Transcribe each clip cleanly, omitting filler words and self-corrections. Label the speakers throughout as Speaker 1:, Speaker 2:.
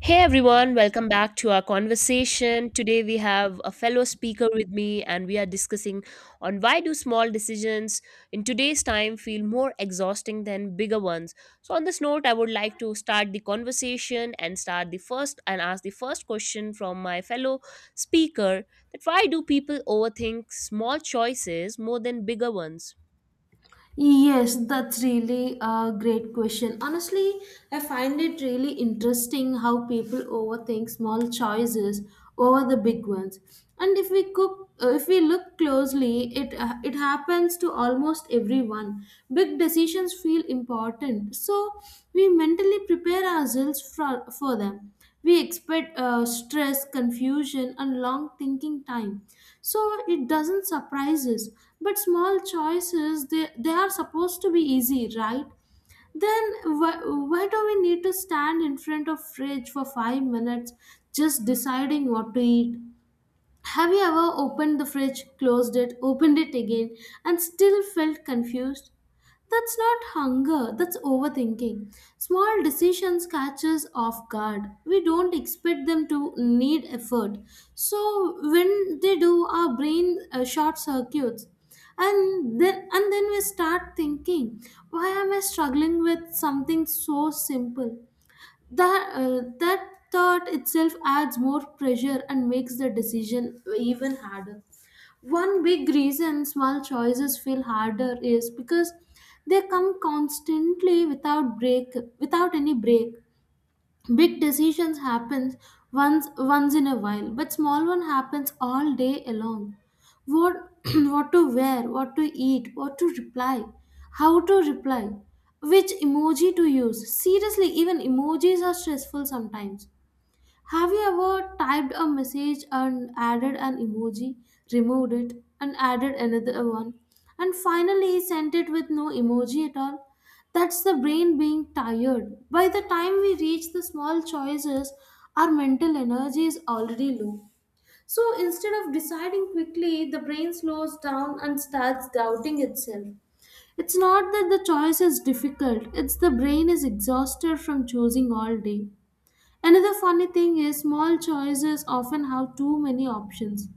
Speaker 1: Hey everyone, welcome back to our conversation. Today we have a fellow speaker with me and we are discussing on why do small decisions in today's time feel more exhausting than bigger ones. So on this note, I would like to start the conversation and start the first and ask the first question from my fellow speaker that why do people overthink small choices more than bigger ones?
Speaker 2: Yes, that's really a great question. Honestly, I find it really interesting how people overthink small choices over the big ones. And if we cook, If we look closely, it happens to almost everyone. Big decisions feel important, so we mentally prepare ourselves for them. We expect stress, confusion and long thinking time, so it doesn't surprise us. But small choices, they are supposed to be easy, right? Then why do we need to stand in front of fridge for 5 minutes just deciding what to eat? Have you ever opened the fridge, closed it, opened it again, and still felt confused? That's not hunger, that's overthinking. Small decisions catch us off guard. We don't expect them to need effort. So when they do, our brain short circuits. And then we start thinking, why am I struggling with something so simple? That thought itself adds more pressure and makes the decision even harder. One big reason small choices feel harder is because they come constantly without any break. Big decisions happens once in a while, but small one happens all day along. What what to wear, what to eat, what to reply, how to reply, which emoji to use? Seriously, even emojis are stressful sometimes. Have you ever typed a message and added an emoji, removed it, and added another one, and finally sent it with no emoji at all? That's the brain being tired. By the time we reach the small choices, our mental energy is already low. So instead of deciding quickly, the brain slows down and starts doubting itself. It's not that the choice is difficult, it's the brain is exhausted from choosing all day. Another funny thing is small choices often have too many options.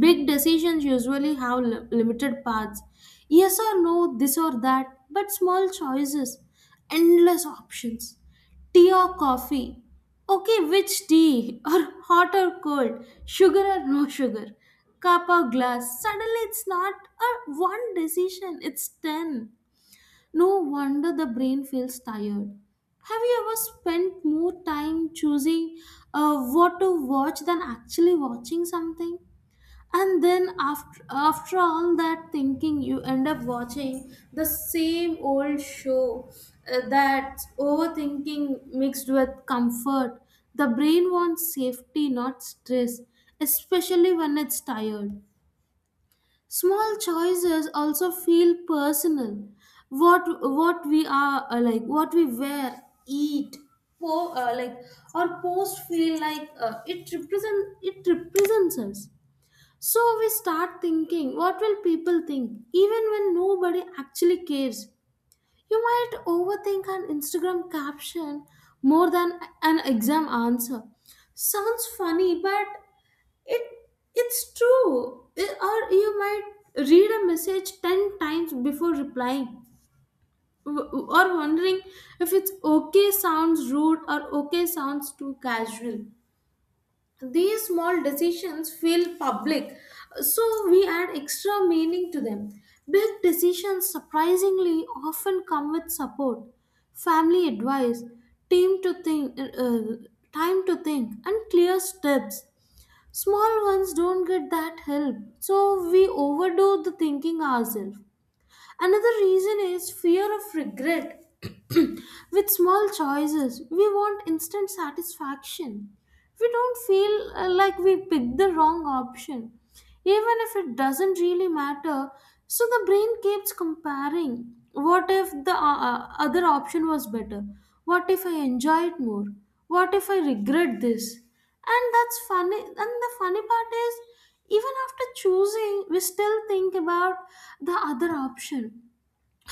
Speaker 2: Big decisions usually have limited paths. Yes or no, this or that, but small choices, endless options. Tea or coffee? Okay, which tea? Or hot or cold? Sugar or no sugar? Cup or glass? Suddenly it's not a one decision, it's 10. No wonder the brain feels tired. Have you ever spent more time choosing what to watch than actually watching something? And then after all that thinking, you end up watching the same old show. That's overthinking mixed with comfort. The brain wants safety, not stress, especially when it's tired. Small choices also feel personal. What we wear, eat, po- uh, like or post feel like it represents us. So we start thinking what will people think, even when nobody actually cares. You might overthink an Instagram caption more than an exam answer. Sounds funny, but it, it's true. Or you might read a message 10 times before replying, or wondering if it's okay sounds rude or okay sounds too casual. These small decisions feel public, so we add extra meaning to them. Big decisions surprisingly often come with support, family advice, team to think, uh, uh, time to think, and clear steps. Small ones don't get that help, so we overdo the thinking ourselves. Another reason is fear of regret. With small choices, we want instant satisfaction. We don't feel like we picked the wrong option even if it doesn't really matter. So the brain keeps comparing. What if the other option was better? What if I enjoy it more? What if I regret this? And that's funny. And the funny part is, even after choosing, we still think about the other option.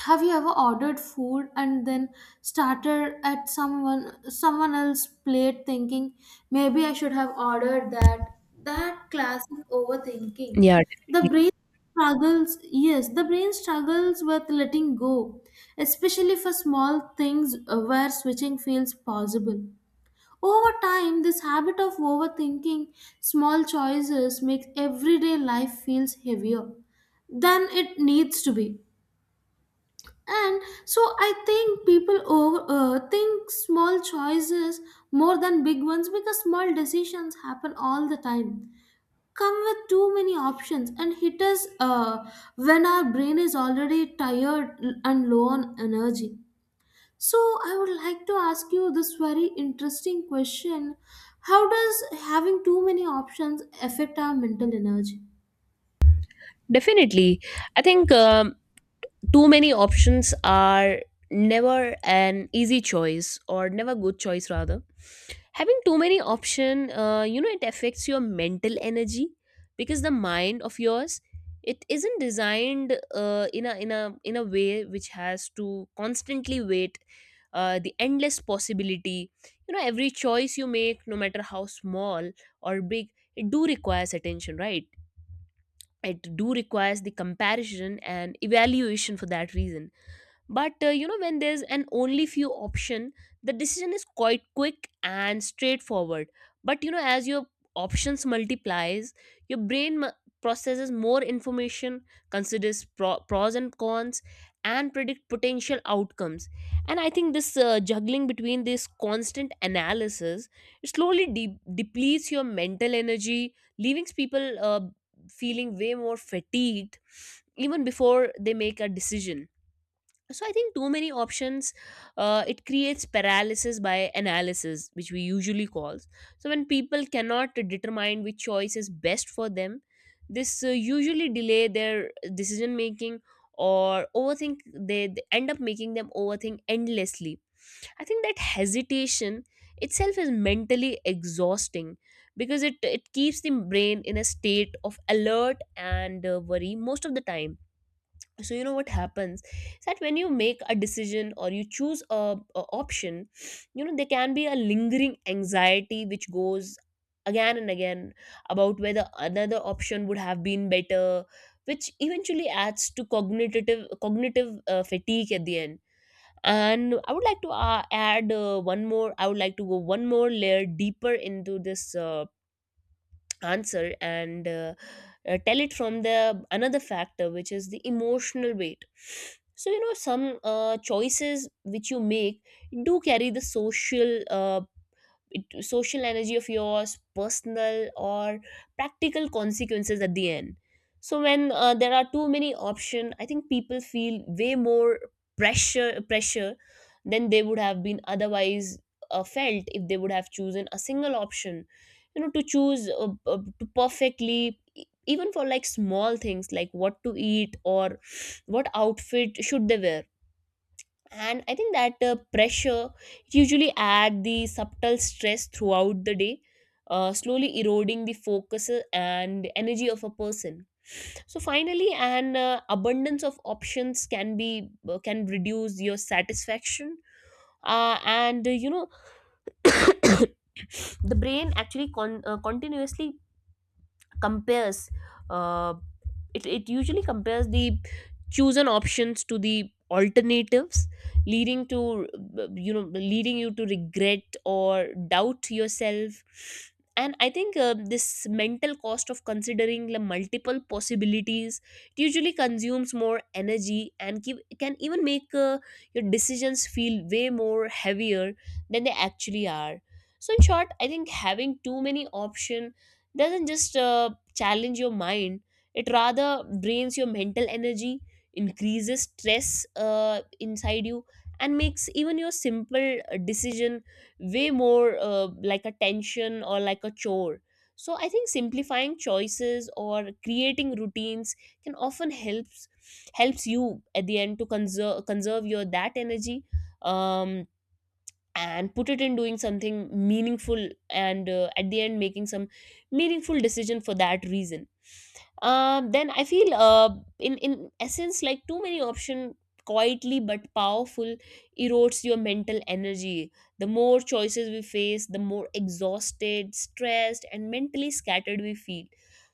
Speaker 2: Have you ever ordered food and then started at someone else's plate thinking, maybe I should have ordered that? That classic overthinking.
Speaker 1: Yeah,
Speaker 2: The brain struggles yes the brain struggles with letting go, especially for small things where switching feels possible. Over time this habit of overthinking small choices makes everyday life feels heavier than it needs to be. And so I think people think small choices more than big ones because small decisions happen all the time, come with too many options and hit us when our brain is already tired and low on energy. So I would like to ask you this very interesting question, how does having too many options affect our mental energy?
Speaker 1: definitely. I think too many options are never an easy choice, or never good choice rather. Having too many option, you know, it affects your mental energy because the mind of yours, it isn't designed in a way which has to constantly wait the endless possibility. You know, every choice you make, no matter how small or big, it do requires attention, right? It do requires the comparison and evaluation for that reason. But you know, when there's an only few option, the decision is quite quick and straightforward. But you know, as your options multiplies, your brain processes more information, considers pros and cons, and predict potential outcomes. And I think this juggling between this constant analysis, it slowly depletes your mental energy, leaving people feeling way more fatigued even before they make a decision. So I think too many options, it creates paralysis by analysis, which we usually calls. So when people cannot determine which choice is best for them, this usually delay their decision making or overthink. They end up making them overthink endlessly. I think that hesitation itself is mentally exhausting because it keeps the brain in a state of alert and worry most of the time. So you know what happens is that when you make a decision or you choose a option, you know, there can be a lingering anxiety which goes again and again about whether another option would have been better, which eventually adds to cognitive fatigue at the end. And I would like to add one more. I would like to go one more layer deeper into this answer, and tell it from the another factor, which is the emotional weight. So you know, some choices which you make do carry the social social energy of yours, personal or practical consequences at the end. So when there are too many option, I think people feel way more pressure than they would have been otherwise felt if they would have chosen a single option, you know, to choose to perfectly e- even for like small things like what to eat or what outfit should they wear. And I think that pressure usually add the subtle stress throughout the day, slowly eroding the focus and energy of a person. So finally, an abundance of options can be can reduce your satisfaction, and you know, the brain actually continuously compares, uh, it usually compares the chosen options to the alternatives, leading to, you know, leading you to regret or doubt yourself. And I think this mental cost of considering the multiple possibilities, it usually consumes more energy and can even make your decisions feel way more heavier than they actually are. So in short, I think having too many options doesn't just challenge your mind, it rather drains your mental energy, increases stress inside you, and makes even your simple decision way more like a tension or like a chore. So I think simplifying choices or creating routines can often helps you at the end to conserve your that energy, um, and put it in doing something meaningful and at the end making some meaningful decision for that reason. Then I feel in essence, like too many option quietly but powerful erodes your mental energy. The more choices we face, the more exhausted, stressed, and mentally scattered we feel.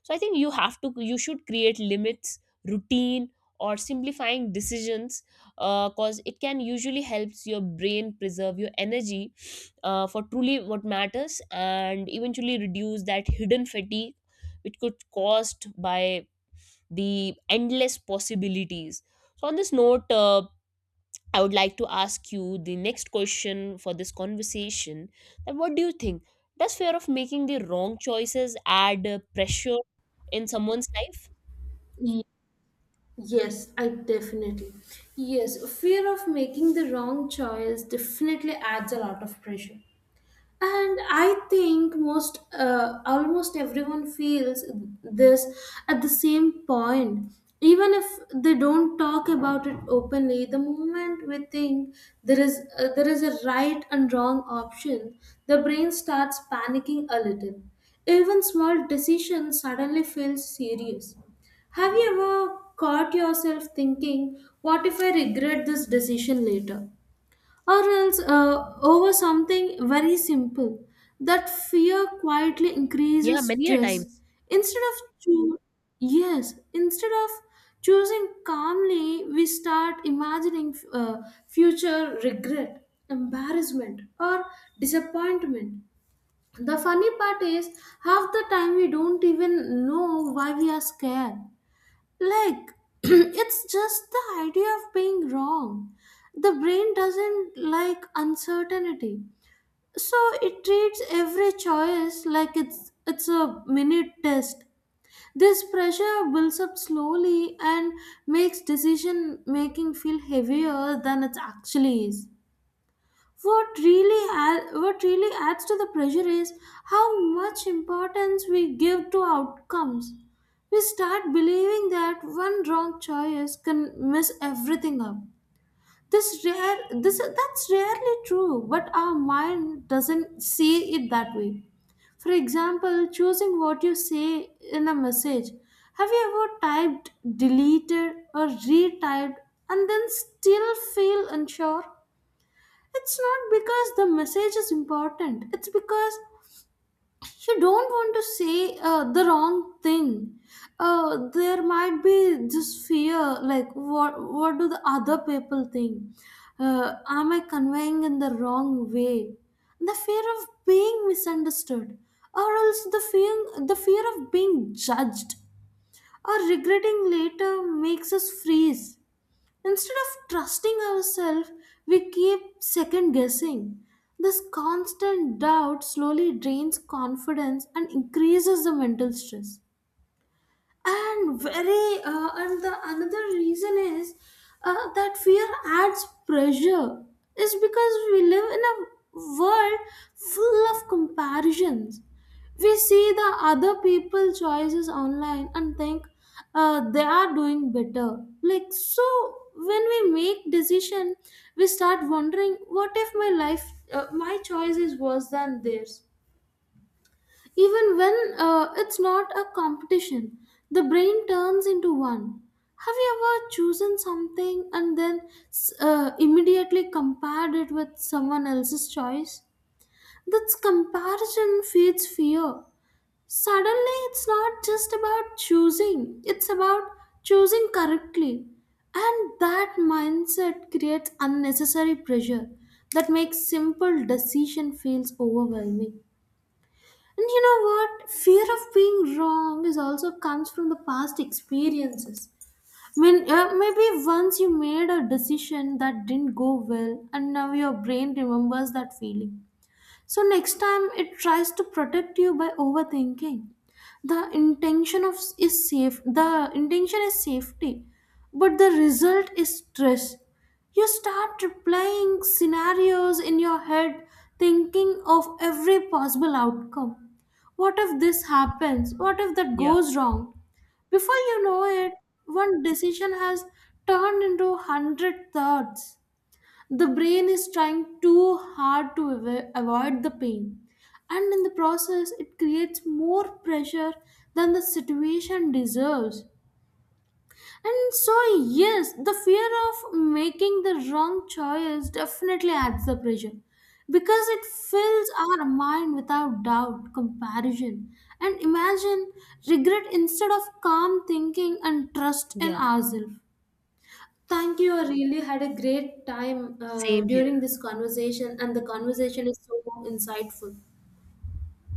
Speaker 1: So I think you have to you should create limits, routine, or simplifying decisions, because it can usually helps your brain preserve your energy for truly what matters and eventually reduce that hidden fatigue which could caused by the endless possibilities. So on this note, I would like to ask you the next question for this conversation, that what do you think, does fear of making the wrong choices add pressure in someone's life?
Speaker 2: Yes, I definitely. Yes, fear of making the wrong choice definitely adds a lot of pressure, and I think most almost everyone feels this at the same point, even if they don't talk about it openly. The moment we think there is a right and wrong option, the brain starts panicking a little. Even small decisions suddenly feel serious. Have you ever caught yourself thinking, what if I regret this decision later, or else over something very simple. That fear quietly
Speaker 1: Yeah,
Speaker 2: increases
Speaker 1: many a
Speaker 2: stress.
Speaker 1: times.
Speaker 2: Instead of choo- yes, Instead of choosing calmly, we start imagining future regret, embarrassment, or disappointment. The funny part is, half the time we don't even know why we are scared. Like, it's just the idea of being wrong. The brain doesn't like uncertainty. So it treats every choice like it's a minute test. This pressure builds up slowly and makes decision making feel heavier than it actually is. What really adds to the pressure is how much importance we give to outcomes. We start believing that one wrong choice can mess everything up. This rare, this That's rarely true, but our mind doesn't see it that way. For example, choosing what you say in a message. Have you ever typed, deleted, or retyped, and then still feel unsure? It's not because the message is important. It's because you don't want to say the wrong thing. There might be this fear, like what do the other people think? Am I conveying in the wrong way? The fear of being misunderstood, or else the fear of being judged or regretting later makes us freeze. Instead of trusting ourselves, we keep second guessing. This constant doubt slowly drains confidence and increases the mental stress. And the another reason is that fear adds pressure is because we live in a world full of comparisons. We see the other people choices online and think they are doing better. Like, so when we make decision, we start wondering what if my life my choice is worse than theirs. Even when it's not a competition, the brain turns into one. Have you ever chosen something and then immediately compared it with someone else's choice? This comparison feeds fear. Suddenly, it's not just about choosing, it's about choosing correctly. And that mindset creates unnecessary pressure that makes simple decision feels overwhelming. And you know what? Fear of being wrong is also comes from the past experiences. I mean, maybe once you made a decision that didn't go well, and now your brain remembers that feeling. So next time it tries to protect you by overthinking. The intention of is safe. The intention is safety, but the result is stress. You start replaying scenarios in your head, thinking of every possible outcome. What if this happens? What if that goes wrong? Before you know it, one decision has turned into 100 thoughts. The brain is trying too hard to avoid the pain, and in the process, it creates more pressure than the situation deserves. And so, yes, the fear of making the wrong choice definitely adds the pressure because it fills our mind without doubt, comparison, and imagine regret instead of calm thinking and trust
Speaker 1: Yeah,
Speaker 2: in
Speaker 1: yeah.
Speaker 2: ourselves. Thank you. I really had a great time
Speaker 1: Same here.
Speaker 2: during this conversation, and the conversation is so insightful.